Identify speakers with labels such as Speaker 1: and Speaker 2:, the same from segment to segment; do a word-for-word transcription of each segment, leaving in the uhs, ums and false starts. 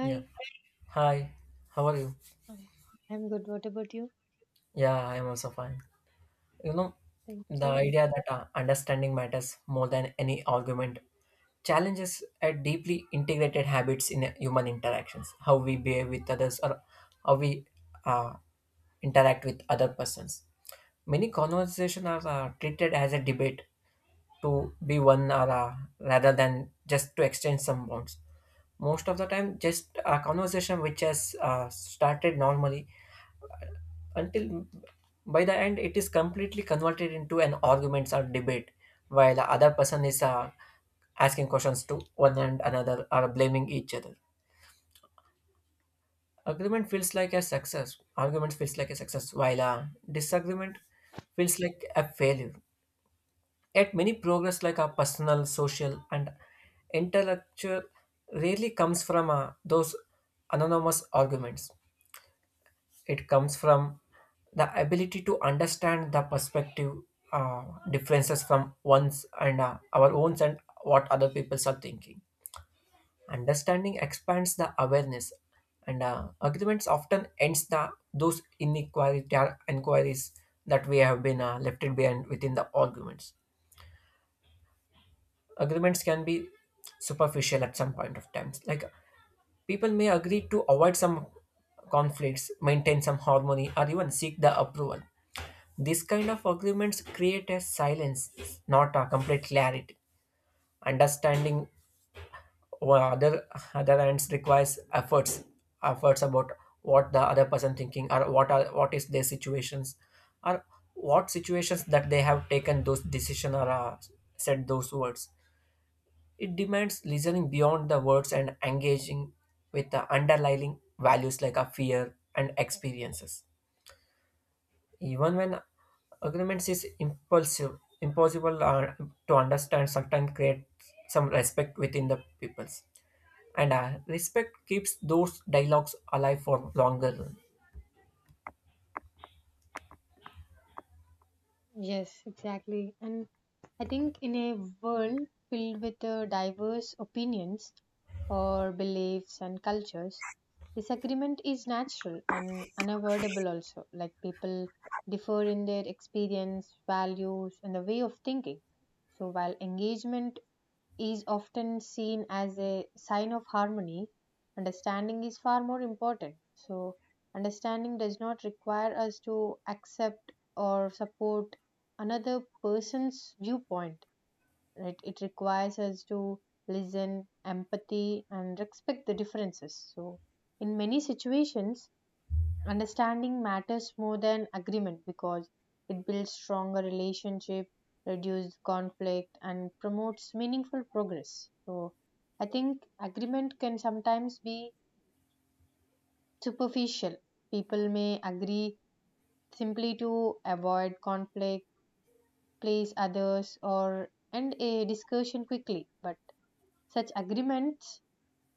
Speaker 1: Yeah. Hi, how are you?
Speaker 2: Hi. I'm good. What about you?
Speaker 1: Yeah, I am also fine. You know,
Speaker 2: Thank
Speaker 1: the
Speaker 2: you.
Speaker 1: idea that uh, understanding matters more than any argument challenges a deeply integrated habits in uh, human interactions, how we behave with others or how we uh, interact with other persons. Many conversations are uh, treated as a debate to be one or uh, rather than just to exchange some bonds most of the time just a conversation which has uh, started normally until by the end it is completely converted into an arguments or debate while the other person is uh, asking questions to one and another or blaming each other agreement feels like a success argument feels like a success while a disagreement feels like a failure yet many progress like a personal social and intellectual rarely comes from uh, those anonymous arguments. It comes from the ability to understand the perspective uh, differences from one's and uh, our own and what other people are thinking. Understanding expands the awareness, and uh, arguments often ends the those inequality or inquiries that we have been uh, left it behind within the arguments. Agreements can be superficial at some point of times. Like people may agree to avoid some conflicts, maintain some harmony, or even seek the approval. This kind of agreements create a silence, not a complete clarity. Understanding what other other hands requires efforts, efforts about what the other person thinking or what are what is their situations, or what situations that they have taken those decision or uh, said those words. It demands listening beyond the words and engaging with the underlying values like a fear and experiences. Even when agreements is impulsive, impossible uh, to understand, sometimes create some respect within the peoples. And uh, respect keeps those dialogues alive for longer run.
Speaker 2: Yes, exactly. And I think in a world filled with uh, diverse opinions or beliefs and cultures, disagreement is natural and unavoidable also. Like people differ in their experience, values, and the way of thinking. So while engagement is often seen as a sign of harmony, understanding is far more important. So, understanding does not require us to accept or support another person's viewpoint, right? It requires us to listen, empathy, and respect the differences. So, in many situations, understanding matters more than agreement because it builds stronger relationship, reduces conflict, and promotes meaningful progress. So I think agreement can sometimes be superficial. People may agree simply to avoid conflict, please others, or end a discussion quickly. But such agreements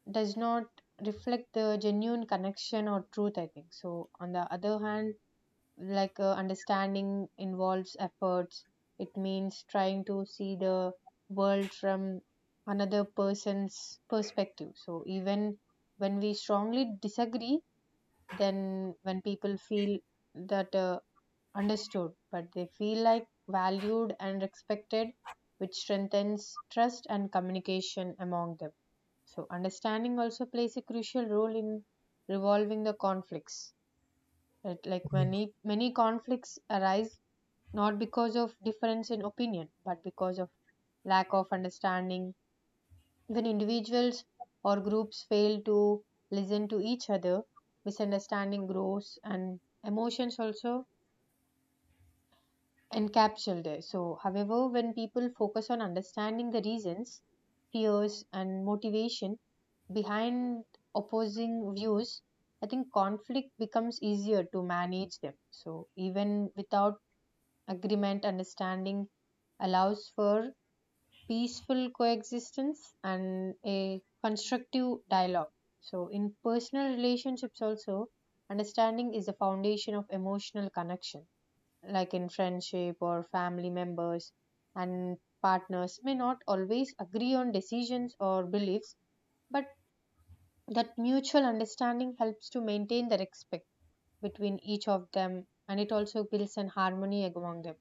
Speaker 2: does not reflect the genuine connection or truth. I think so. On the other hand, like uh, understanding involves efforts, it means trying to see the world from another person's perspective, so even when we strongly disagree, then when people feel that uh, understood, but they feel like valued and respected, which strengthens trust and communication among them. So understanding also plays a crucial role in resolving the conflicts, right? Like
Speaker 1: Yeah,
Speaker 2: many many conflicts arise not because of difference in opinion, but because of lack of understanding. When individuals or groups fail to listen to each other, misunderstanding grows and emotions also encapsulated there. So, however, when people focus on understanding the reasons, fears, and motivation behind opposing views, I think conflict becomes easier to manage them. So, even without agreement, understanding allows for peaceful coexistence and a constructive dialogue. So, in personal relationships, also, understanding is the foundation of emotional connection, like in friendship or family members and partners may not always agree on decisions or beliefs, but that mutual understanding helps to maintain the respect between each of them, and it also builds an harmony among them.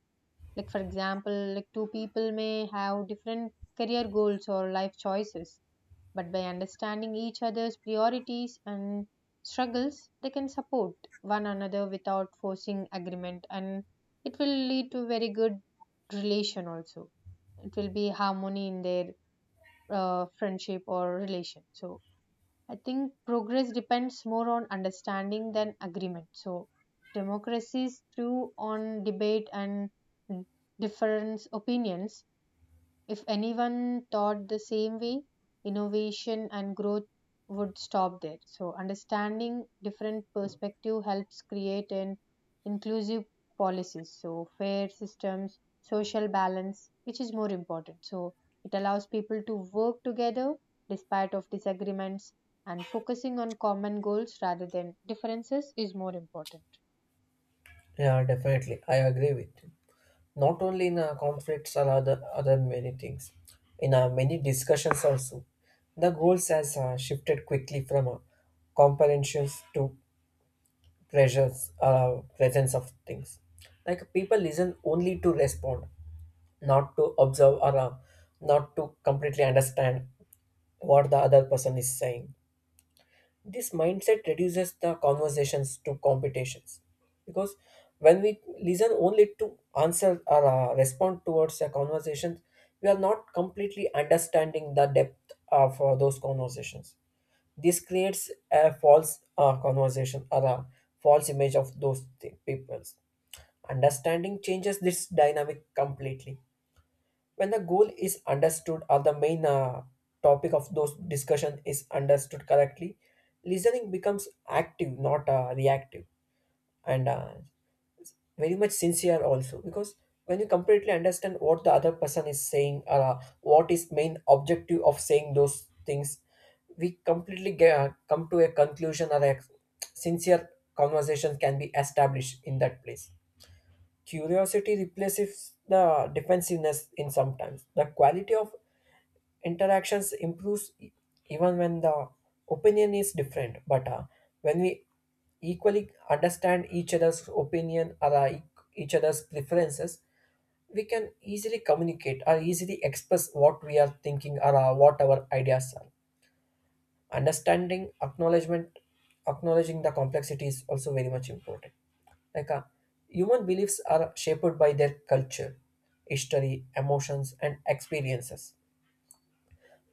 Speaker 2: Like, for example, like two people may have different career goals or life choices, but by understanding each other's priorities and struggles, they can support one another without forcing agreement, and it will lead to very good relation also. It will be harmony in their uh, friendship or relation. So, I think progress depends more on understanding than agreement. So democracies through on debate and different opinions, if anyone thought the same way, innovation and growth would stop there. So, understanding different perspective helps create an inclusive policies. So, fair systems, social balance, which is more important. So, it allows people to work together despite of disagreements, and focusing on common goals rather than differences is more important.
Speaker 1: yeah, definitely. I agree with you. Not only in uh, conflicts or other, other many things, in uh, many discussions also, the goals has uh, shifted quickly from uh, comprehensions to pressures uh, presence of things like people listen only to respond not to observe or uh, not to completely understand what the other person is saying this mindset reduces the conversations to competitions because when we listen only to answer or uh, respond towards a conversation we are not completely understanding the depth of uh, those conversations this creates a false uh, conversation or a false image of those th- peoples. Understanding changes this dynamic completely. When the goal is understood or the main uh, topic of those discussion is understood correctly, listening becomes active, not uh, reactive. And uh, very much sincere also because when you completely understand what the other person is saying or uh, what is main objective of saying those things we completely get, uh, come to a conclusion or a sincere conversation can be established in that place curiosity replaces the defensiveness in sometimes the quality of interactions improves e- even when the opinion is different but uh, when we equally understand each other's opinion or uh, e- each other's preferences we can easily communicate or easily express what we are thinking or uh, what our ideas are understanding acknowledgement acknowledging the complexity is also very much important like uh, human beliefs are shaped by their culture history emotions and experiences.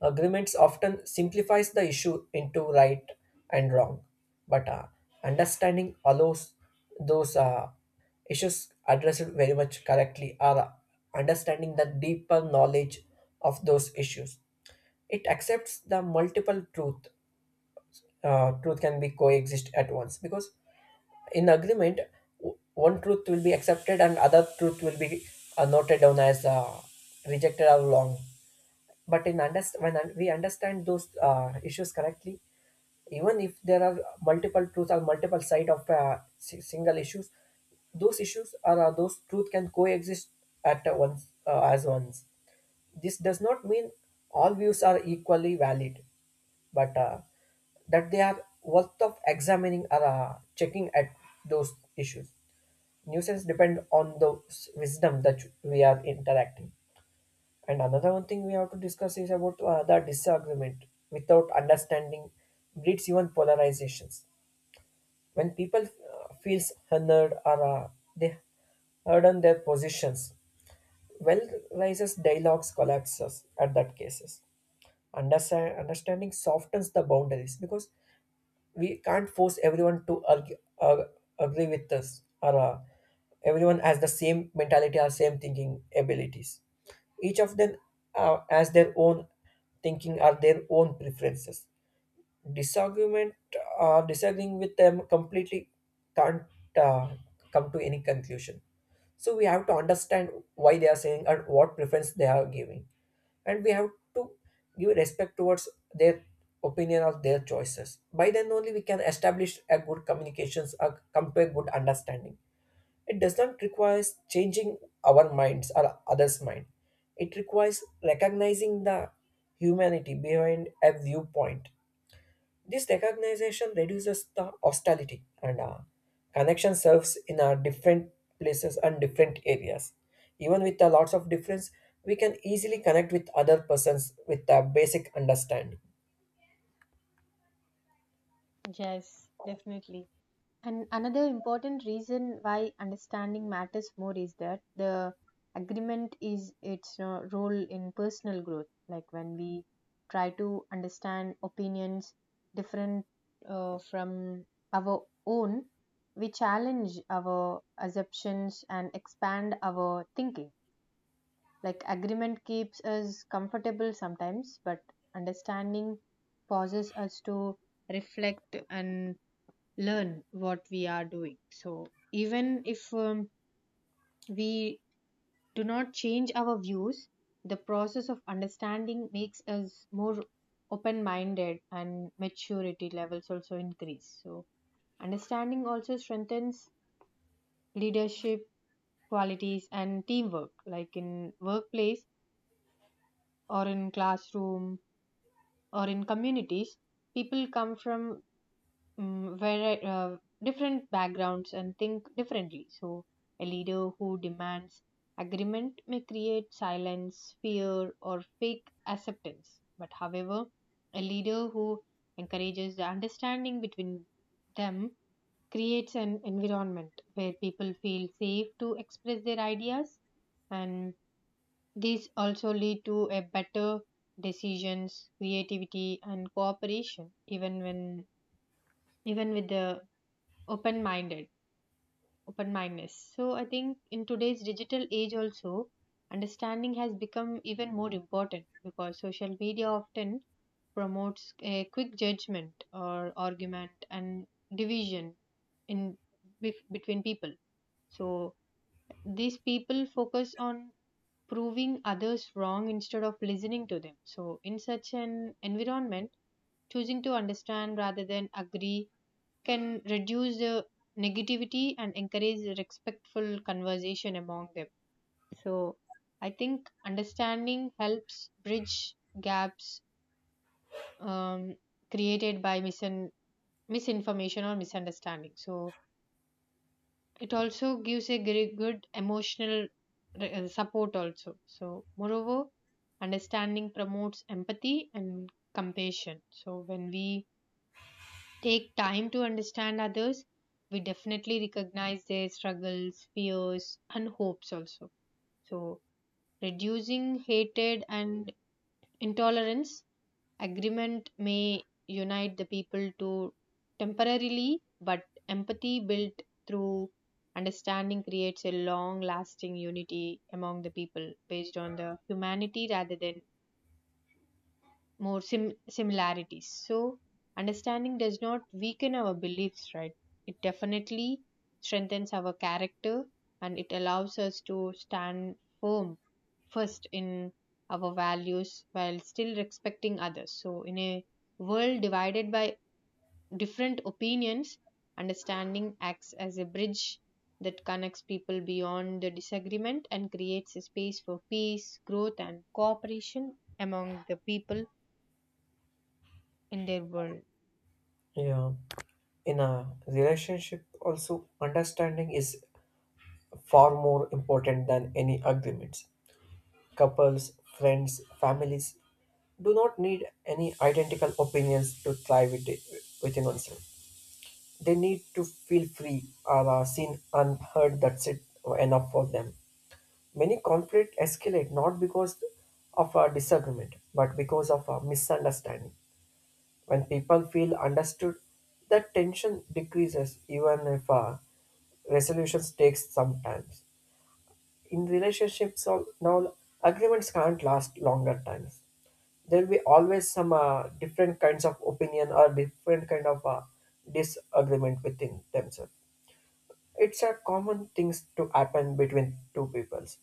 Speaker 1: Agreements often simplifies the issue into right and wrong, but uh, understanding allows those uh, issues addressed very much correctly or understanding the deeper knowledge of those issues. It accepts the multiple truth. Uh, truth can be coexist at once because in agreement w- one truth will be accepted and other truth will be uh, noted down as uh, rejected or wrong but in underst- when un- we understand those uh, issues correctly even if there are multiple truths or multiple side of uh, si- single issues those issues are uh, those truth can coexist at uh, once uh, as ones this does not mean all views are equally valid but uh, that they are worth of examining or uh, checking at those issues nuisance depend on the s- wisdom that we are interacting and another one thing we have to discuss is about uh, the disagreement without understanding breeds even polarizations. When people uh, feels honored or uh, they heard on their positions, well rises dialogues collapses at that cases. Understand, understanding softens the boundaries because we can't force everyone to argue, uh, agree with us or uh, everyone has the same mentality or same thinking abilities each of them uh, has their own thinking or their own preferences disagreement uh, disagreeing with them completely can't uh, come to any conclusion so we have to understand why they are saying and what preference they are giving and we have to give respect towards their opinion or their choices by then only we can establish a good communications or come to a good understanding it does not require changing our minds or others mind it requires recognizing the humanity behind a viewpoint this recognition reduces the hostility and uh, connection serves in our different places and different areas. Even with the lots of difference, we can easily connect with other persons with a basic understanding.
Speaker 2: Yes, definitely. And another important reason why understanding matters more is that the agreement is its uh, role in personal growth. Like when we try to understand opinions different uh, from our own, we challenge our assumptions and expand our thinking. Like agreement keeps us comfortable sometimes, but understanding forces us to reflect and learn what we are doing. So, even if um, we do not change our views, the process of understanding makes us more open minded and maturity levels also increase. So, understanding also strengthens leadership qualities and teamwork, like in workplace or in classroom or in communities. People come from mm, very uh, different backgrounds and think differently. So, a leader who demands agreement may create silence, fear, or fake acceptance. But, however, a leader who encourages the understanding between them creates an environment where people feel safe to express their ideas, and these also lead to a better decisions, creativity, and cooperation, even when even with the open-minded open-mindedness. So I think in today's digital age also understanding has become even more important because social media often promotes a quick judgment or argument and division in bef- between people. So these people focus on proving others wrong instead of listening to them, so in such an environment choosing to understand rather than agree can reduce the negativity and encourage respectful conversation among them. So, I think understanding helps bridge gaps um, created by misin- misinformation or misunderstanding. So, it also gives a very good emotional re- uh, support, also. So, moreover, understanding promotes empathy and compassion. So, when we take time to understand others, we definitely recognize their struggles, fears, and hopes also. So, reducing hatred and intolerance, agreement may unite the people to temporarily, but empathy built through understanding creates a long lasting unity among the people based on the humanity rather than more sim- similarities. So, understanding does not weaken our beliefs, right? It definitely strengthens our character, and it allows us to stand firm first in our values while still respecting others. So, in a world divided by different opinions, understanding acts as a bridge that connects people beyond the disagreement and creates a space for peace, growth, and cooperation among the people in their world.
Speaker 1: Yeah, in a relationship also understanding is far more important than any agreements. Couples, friends, families do not need any identical opinions to thrive with within oneself. They need to feel free, or uh, seen unheard. That's it enough for them. Many conflict escalate not because of a disagreement, but because of a misunderstanding. When people feel understood, the tension decreases, even if uh, resolutions takes some time. In relationships, al- now agreements can't last longer times. There will be always some uh, different kinds of opinion or different kind of uh, disagreement within themselves. It's a common things to happen between two peoples,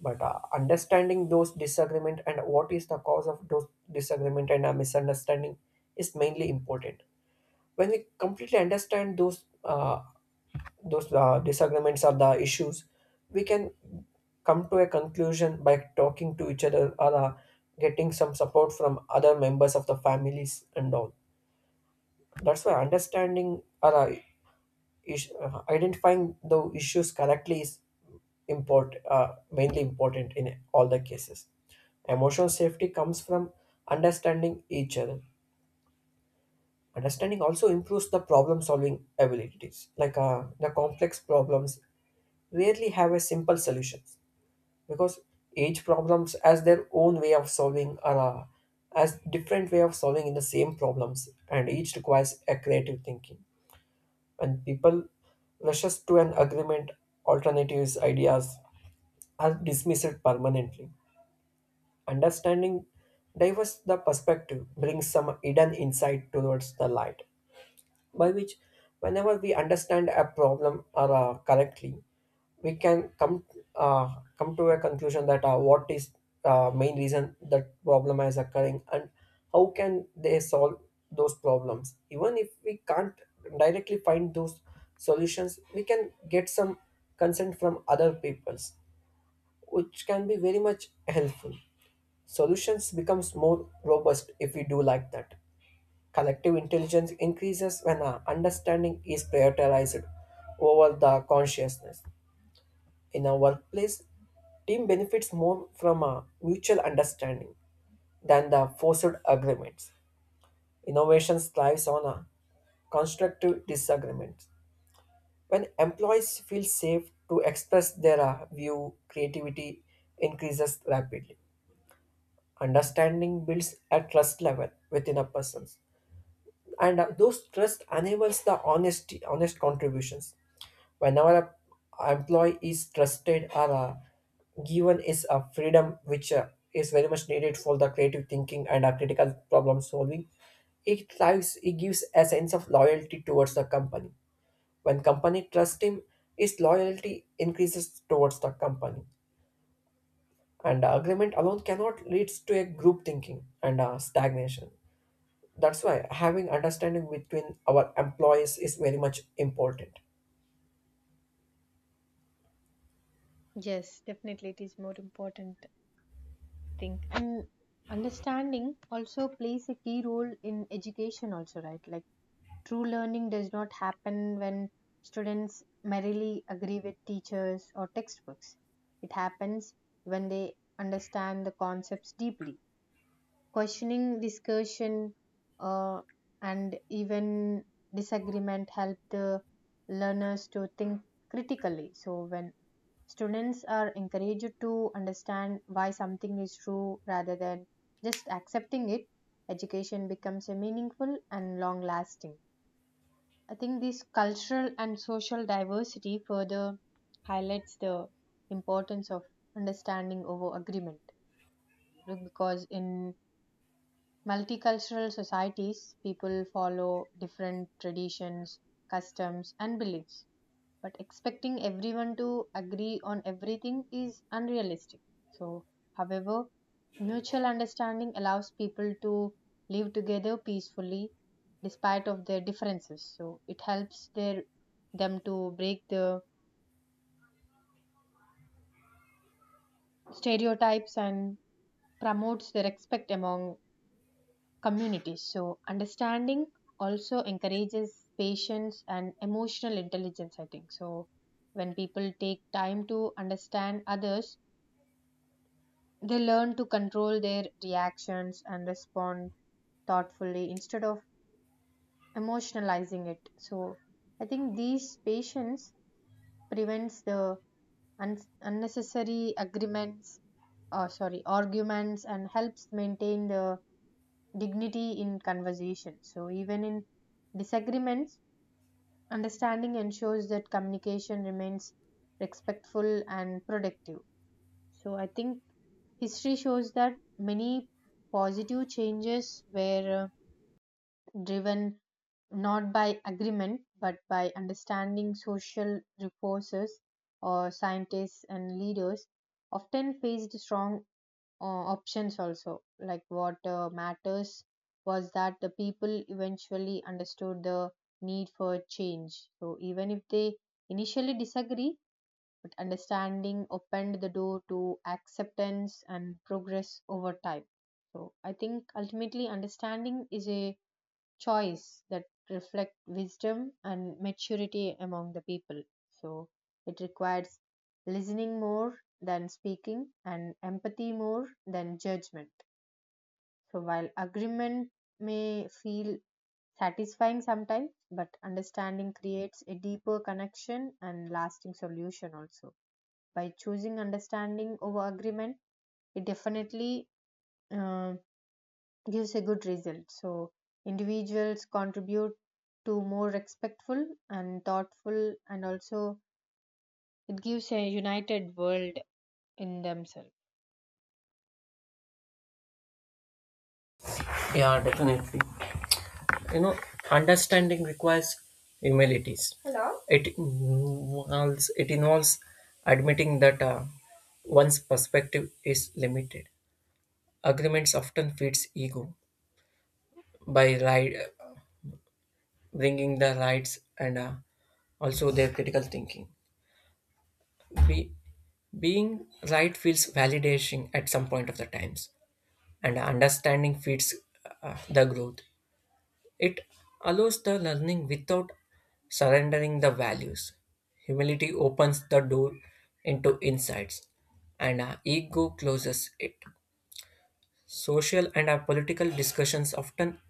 Speaker 1: but uh, understanding those disagreement and what is the cause of those disagreement and a misunderstanding is mainly important. When we completely understand those uh, those uh, disagreements or the issues, we can come to a conclusion by talking to each other or uh, getting some support from other members of the families and all. That's why understanding or uh, is- uh, identifying the issues correctly is import uh, mainly important in all the cases emotional safety comes from understanding each other understanding also improves the problem solving abilities like uh, the complex problems rarely have a simple solutions because each problems has their own way of solving or uh, as different way of solving in the same problems and each requires a creative thinking when people rushes to an agreement, alternatives, ideas are dismissed permanently. Understanding diverse the perspective brings some hidden insight towards the light by which whenever we understand a problem or uh, correctly we can come uh, come to a conclusion that uh, what is uh, main reason that problem is occurring and how can they solve those problems even if we can't directly find those solutions we can get some consent from other peoples which can be very much helpful solutions becomes more robust if we do like that. Collective intelligence increases when our understanding is prioritized over the consciousness. In a workplace, team benefits more from a mutual understanding than the forced agreements. Innovation thrives on a constructive disagreement. When employees feel safe to express their uh, view, creativity increases rapidly. Understanding builds a trust level within a person, and uh, those trust enables the honesty honest contributions whenever a employee is trusted or uh, given is a freedom which uh, is very much needed for the creative thinking and uh, critical problem solving it thrives it gives a sense of loyalty towards the company when company trust him his loyalty increases towards the company and uh, agreement alone cannot leads to a group thinking and uh, stagnation that's why having understanding between our employees is very much important.
Speaker 2: Yes, definitely it is more important, I think. And understanding also plays a key role in education also, right? Like true learning does not happen when students merely agree with teachers or textbooks. It happens when they understand the concepts deeply. Questioning, discussion, uh, and even disagreement help the learners to think critically. So when students are encouraged to understand why something is true rather than just accepting it. Education becomes a meaningful and long lasting. I think this cultural and social diversity further highlights the importance of understanding over agreement because in multicultural societies people follow different traditions, customs and beliefs, but expecting everyone to agree on everything is unrealistic. So, however, mutual understanding allows people to live together peacefully despite of their differences. So, it helps their them to break the stereotypes and promotes the respect among communities. So, understanding also encourages patience and emotional intelligence, I think. So, when people take time to understand others, they learn to control their reactions and respond thoughtfully instead of emotionalizing it. So I think these patience prevents the un- unnecessary agreements, uh, sorry, arguments, and helps maintain the dignity in conversation. So even in disagreements, understanding ensures that communication remains respectful and productive. So I think history shows that many positive changes were uh, driven not by agreement but by understanding social forces or scientists and leaders often faced strong uh, options also, like what uh, matters was that the people eventually understood the need for change, so even if they initially disagree, understanding opened the door to acceptance and progress over time. So I think ultimately understanding is a choice that reflects wisdom and maturity among the people. So it requires listening more than speaking, and empathy more than judgment. So while agreement may feel satisfying sometimes, but understanding creates a deeper connection and lasting solution also. By choosing understanding over agreement, it definitely uh, gives a good result, so individuals contribute to more respectful and thoughtful, and also it gives a united world in themselves.
Speaker 1: Yeah, definitely. You know, understanding requires humilities. Hello. It involves it involves admitting that uh, one's perspective is limited. Agreements often feeds ego by right, bringing the rights and uh, also their critical thinking. Be, being right feels validation at some point of the times. And understanding feeds uh, the growth. It allows the learning without surrendering the values. Humility opens the door into insights, and uh, ego closes it. Social and uh, political discussions often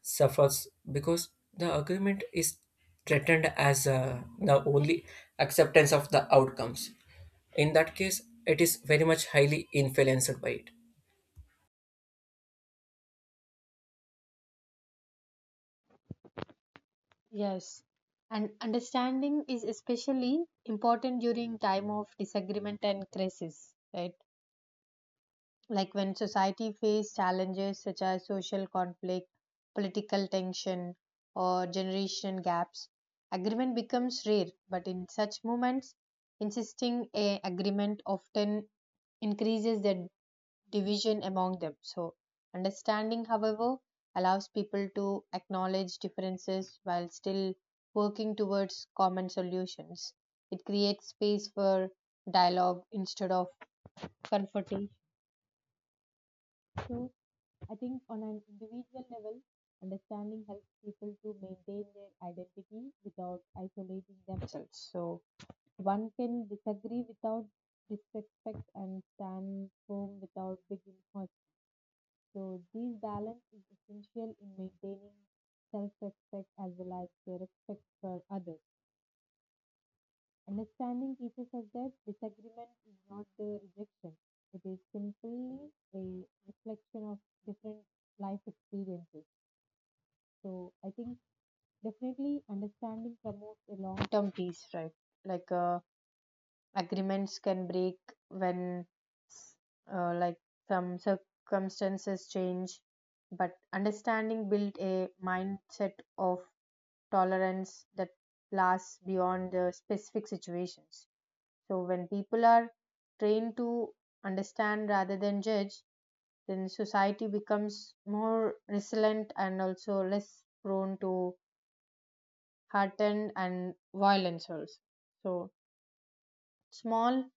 Speaker 1: suffers because the agreement is threatened as uh, the only acceptance of the outcomes. In that case, it is very much highly influenced by it.
Speaker 2: Yes, and understanding is especially important during time of disagreement and crisis, right? Like when society face challenges such as social conflict, political tension, or generation gaps, agreement becomes rare, but in such moments insisting a agreement often increases the division among them. So understanding, however, allows people to acknowledge differences while still working towards common solutions. It creates space for dialogue instead of confrontation. I think on an individual level, understanding helps people to maintain their identity without isolating themselves. So one can disagree without disrespect and stand firm without being hurt. So this balance is essential in maintaining self-respect as well as the respect for others. Understanding teaches us that disagreement is not the rejection. It is simply a reflection of different life experiences. So I think definitely understanding promotes a long term peace, right? Like uh, agreements can break when s- uh, like some circumstances change, but understanding built a mindset of tolerance that lasts beyond the specific situations. So when people are trained to understand rather than judge, then society becomes more resilient and also less prone to heartened and violence also. So small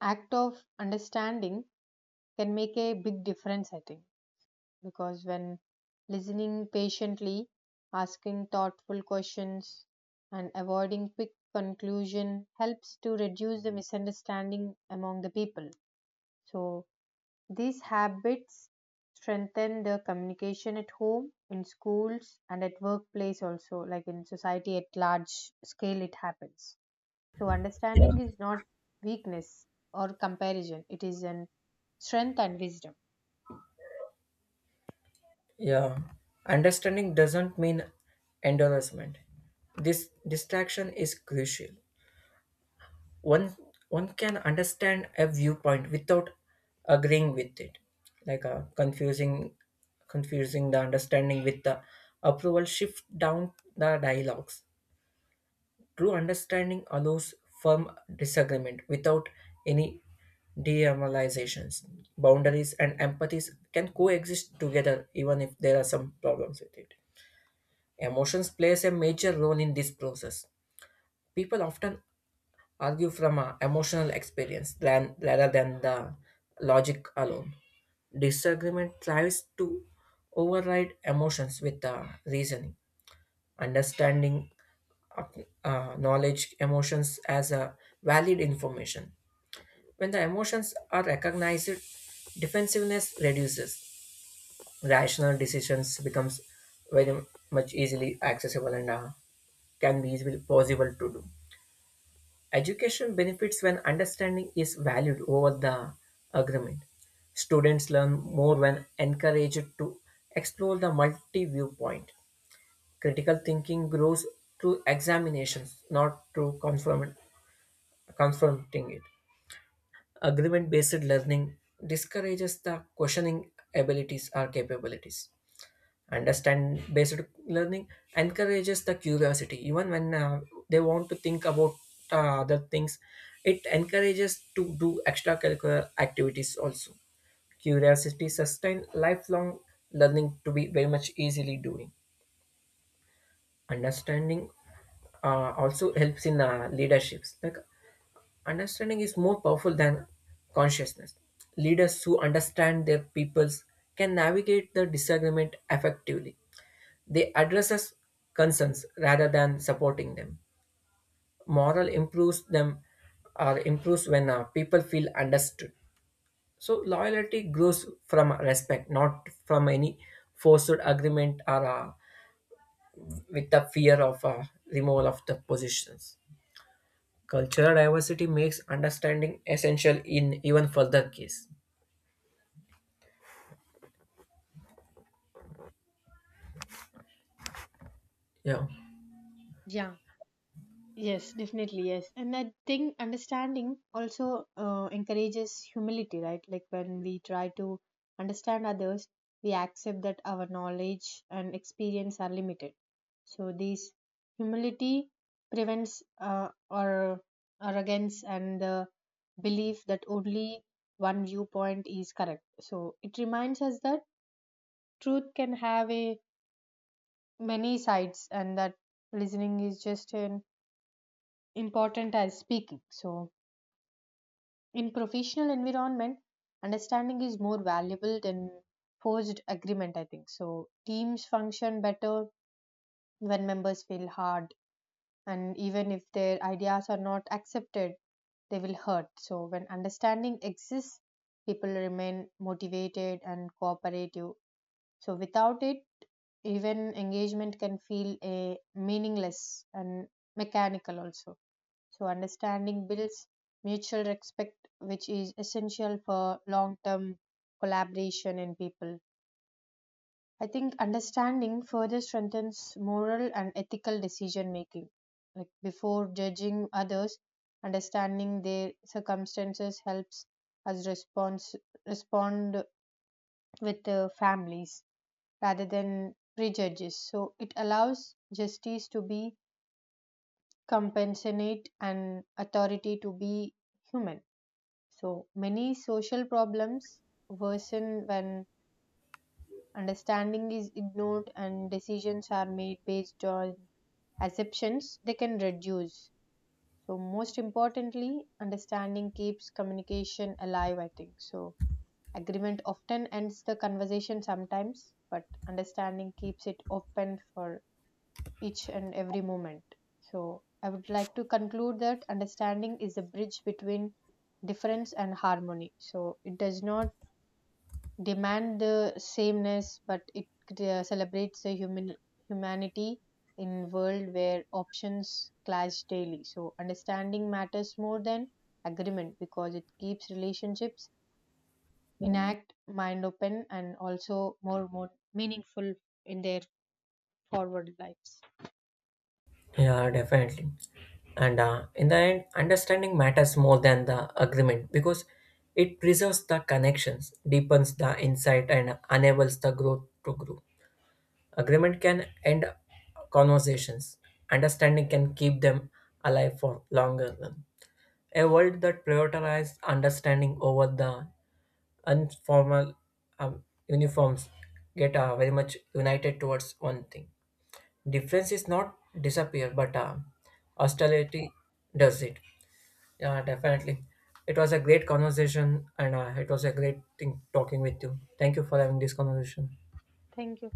Speaker 2: act of understanding can make a big difference, I think, because when listening patiently, asking thoughtful questions, and avoiding quick conclusion helps to reduce the misunderstanding among the people. So these habits strengthen the communication at home, in schools, and at workplace also, like in society at large scale, it happens. So, understanding is not weakness or comparison, it is an strength and wisdom.
Speaker 1: Yeah, understanding doesn't mean endorsement. This distraction is crucial. One one can understand a viewpoint without agreeing with it, like uh, confusing confusing the understanding with the approval. Shift down the dialogues. True understanding allows firm disagreement without any demoralizations. Boundaries and empathies can coexist together, even if there are some problems with it. Emotions plays a major role in this process. People often argue from a emotional experience than, rather than the logic alone. Disagreement tries to override emotions with the reasoning. Understanding uh, uh, knowledge emotions as a valid information. When the emotions are recognized, defensiveness reduces rational decisions becomes very much easily accessible and uh, can be easily possible to do. Education benefits when understanding is valued over the agreement. Students learn more when encouraged to explore the multi viewpoint. Critical thinking grows through examinations, not through confirm- confronting it. Agreement based learning discourages the questioning abilities or capabilities. Understand based learning encourages the curiosity even when uh, they want to think about uh, other things it encourages to do extracurricular activities also curiosity sustain lifelong learning to be very much easily doing understanding uh, also helps in uh, leaderships like understanding is more powerful than consciousness leaders who understand their peoples can navigate the disagreement effectively they addresses concerns rather than supporting them. Moral improves them or improves when uh, people feel understood. So loyalty grows from respect, not from any forced agreement or uh, with the fear of uh, removal of the positions. Cultural diversity makes understanding essential in even further case. Yeah.
Speaker 2: Yeah, yes, definitely, yes. And I think understanding also uh, encourages humility, right? Like when we try to understand others, we accept that our knowledge and experience are limited. So this humility prevents uh, our arrogance and the belief that only one viewpoint is correct. So it reminds us that truth can have a many sides and that listening is just an important as speaking. So in professional environment understanding is more valuable than forced agreement, I think. So teams function better when members feel hard, and even if their ideas are not accepted they will hurt. So when understanding exists, people remain motivated and cooperative. So without it, even engagement can feel a meaningless and mechanical also. So understanding builds mutual respect, which is essential for long term collaboration in people. I think understanding further strengthens moral and ethical decision making, like before judging others, understanding their circumstances helps us response respond with uh, families rather than prejudice. So it allows justice to be compassionate and authority to be human. So many social problems worsen when understanding is ignored and decisions are made based on assumptions they can reduce. So most importantly, understanding keeps communication alive, I think. So agreement often ends the conversation sometimes, but understanding keeps it open for each and every moment. So, I would like to conclude that understanding is a bridge between difference and harmony. So, it does not demand the sameness, but it uh, celebrates the human humanity in a world where options clash daily. So, understanding matters more than agreement because it keeps relationships intact, mind open, and also more more meaningful in their forward lives.
Speaker 1: Yeah, definitely. And uh, in the end, understanding matters more than the agreement because it preserves the connections, deepens the insight, and enables the growth to grow. Agreement can end conversations. Understanding can keep them alive for longer run. A world that prioritizes understanding over the informal um, uniforms get uh, very much united towards one thing. Difference is not disappear, but uh, austerity does it. Yeah, definitely. It was a great conversation, and uh, it was a great thing talking with you. Thank you for having this conversation.
Speaker 2: Thank you.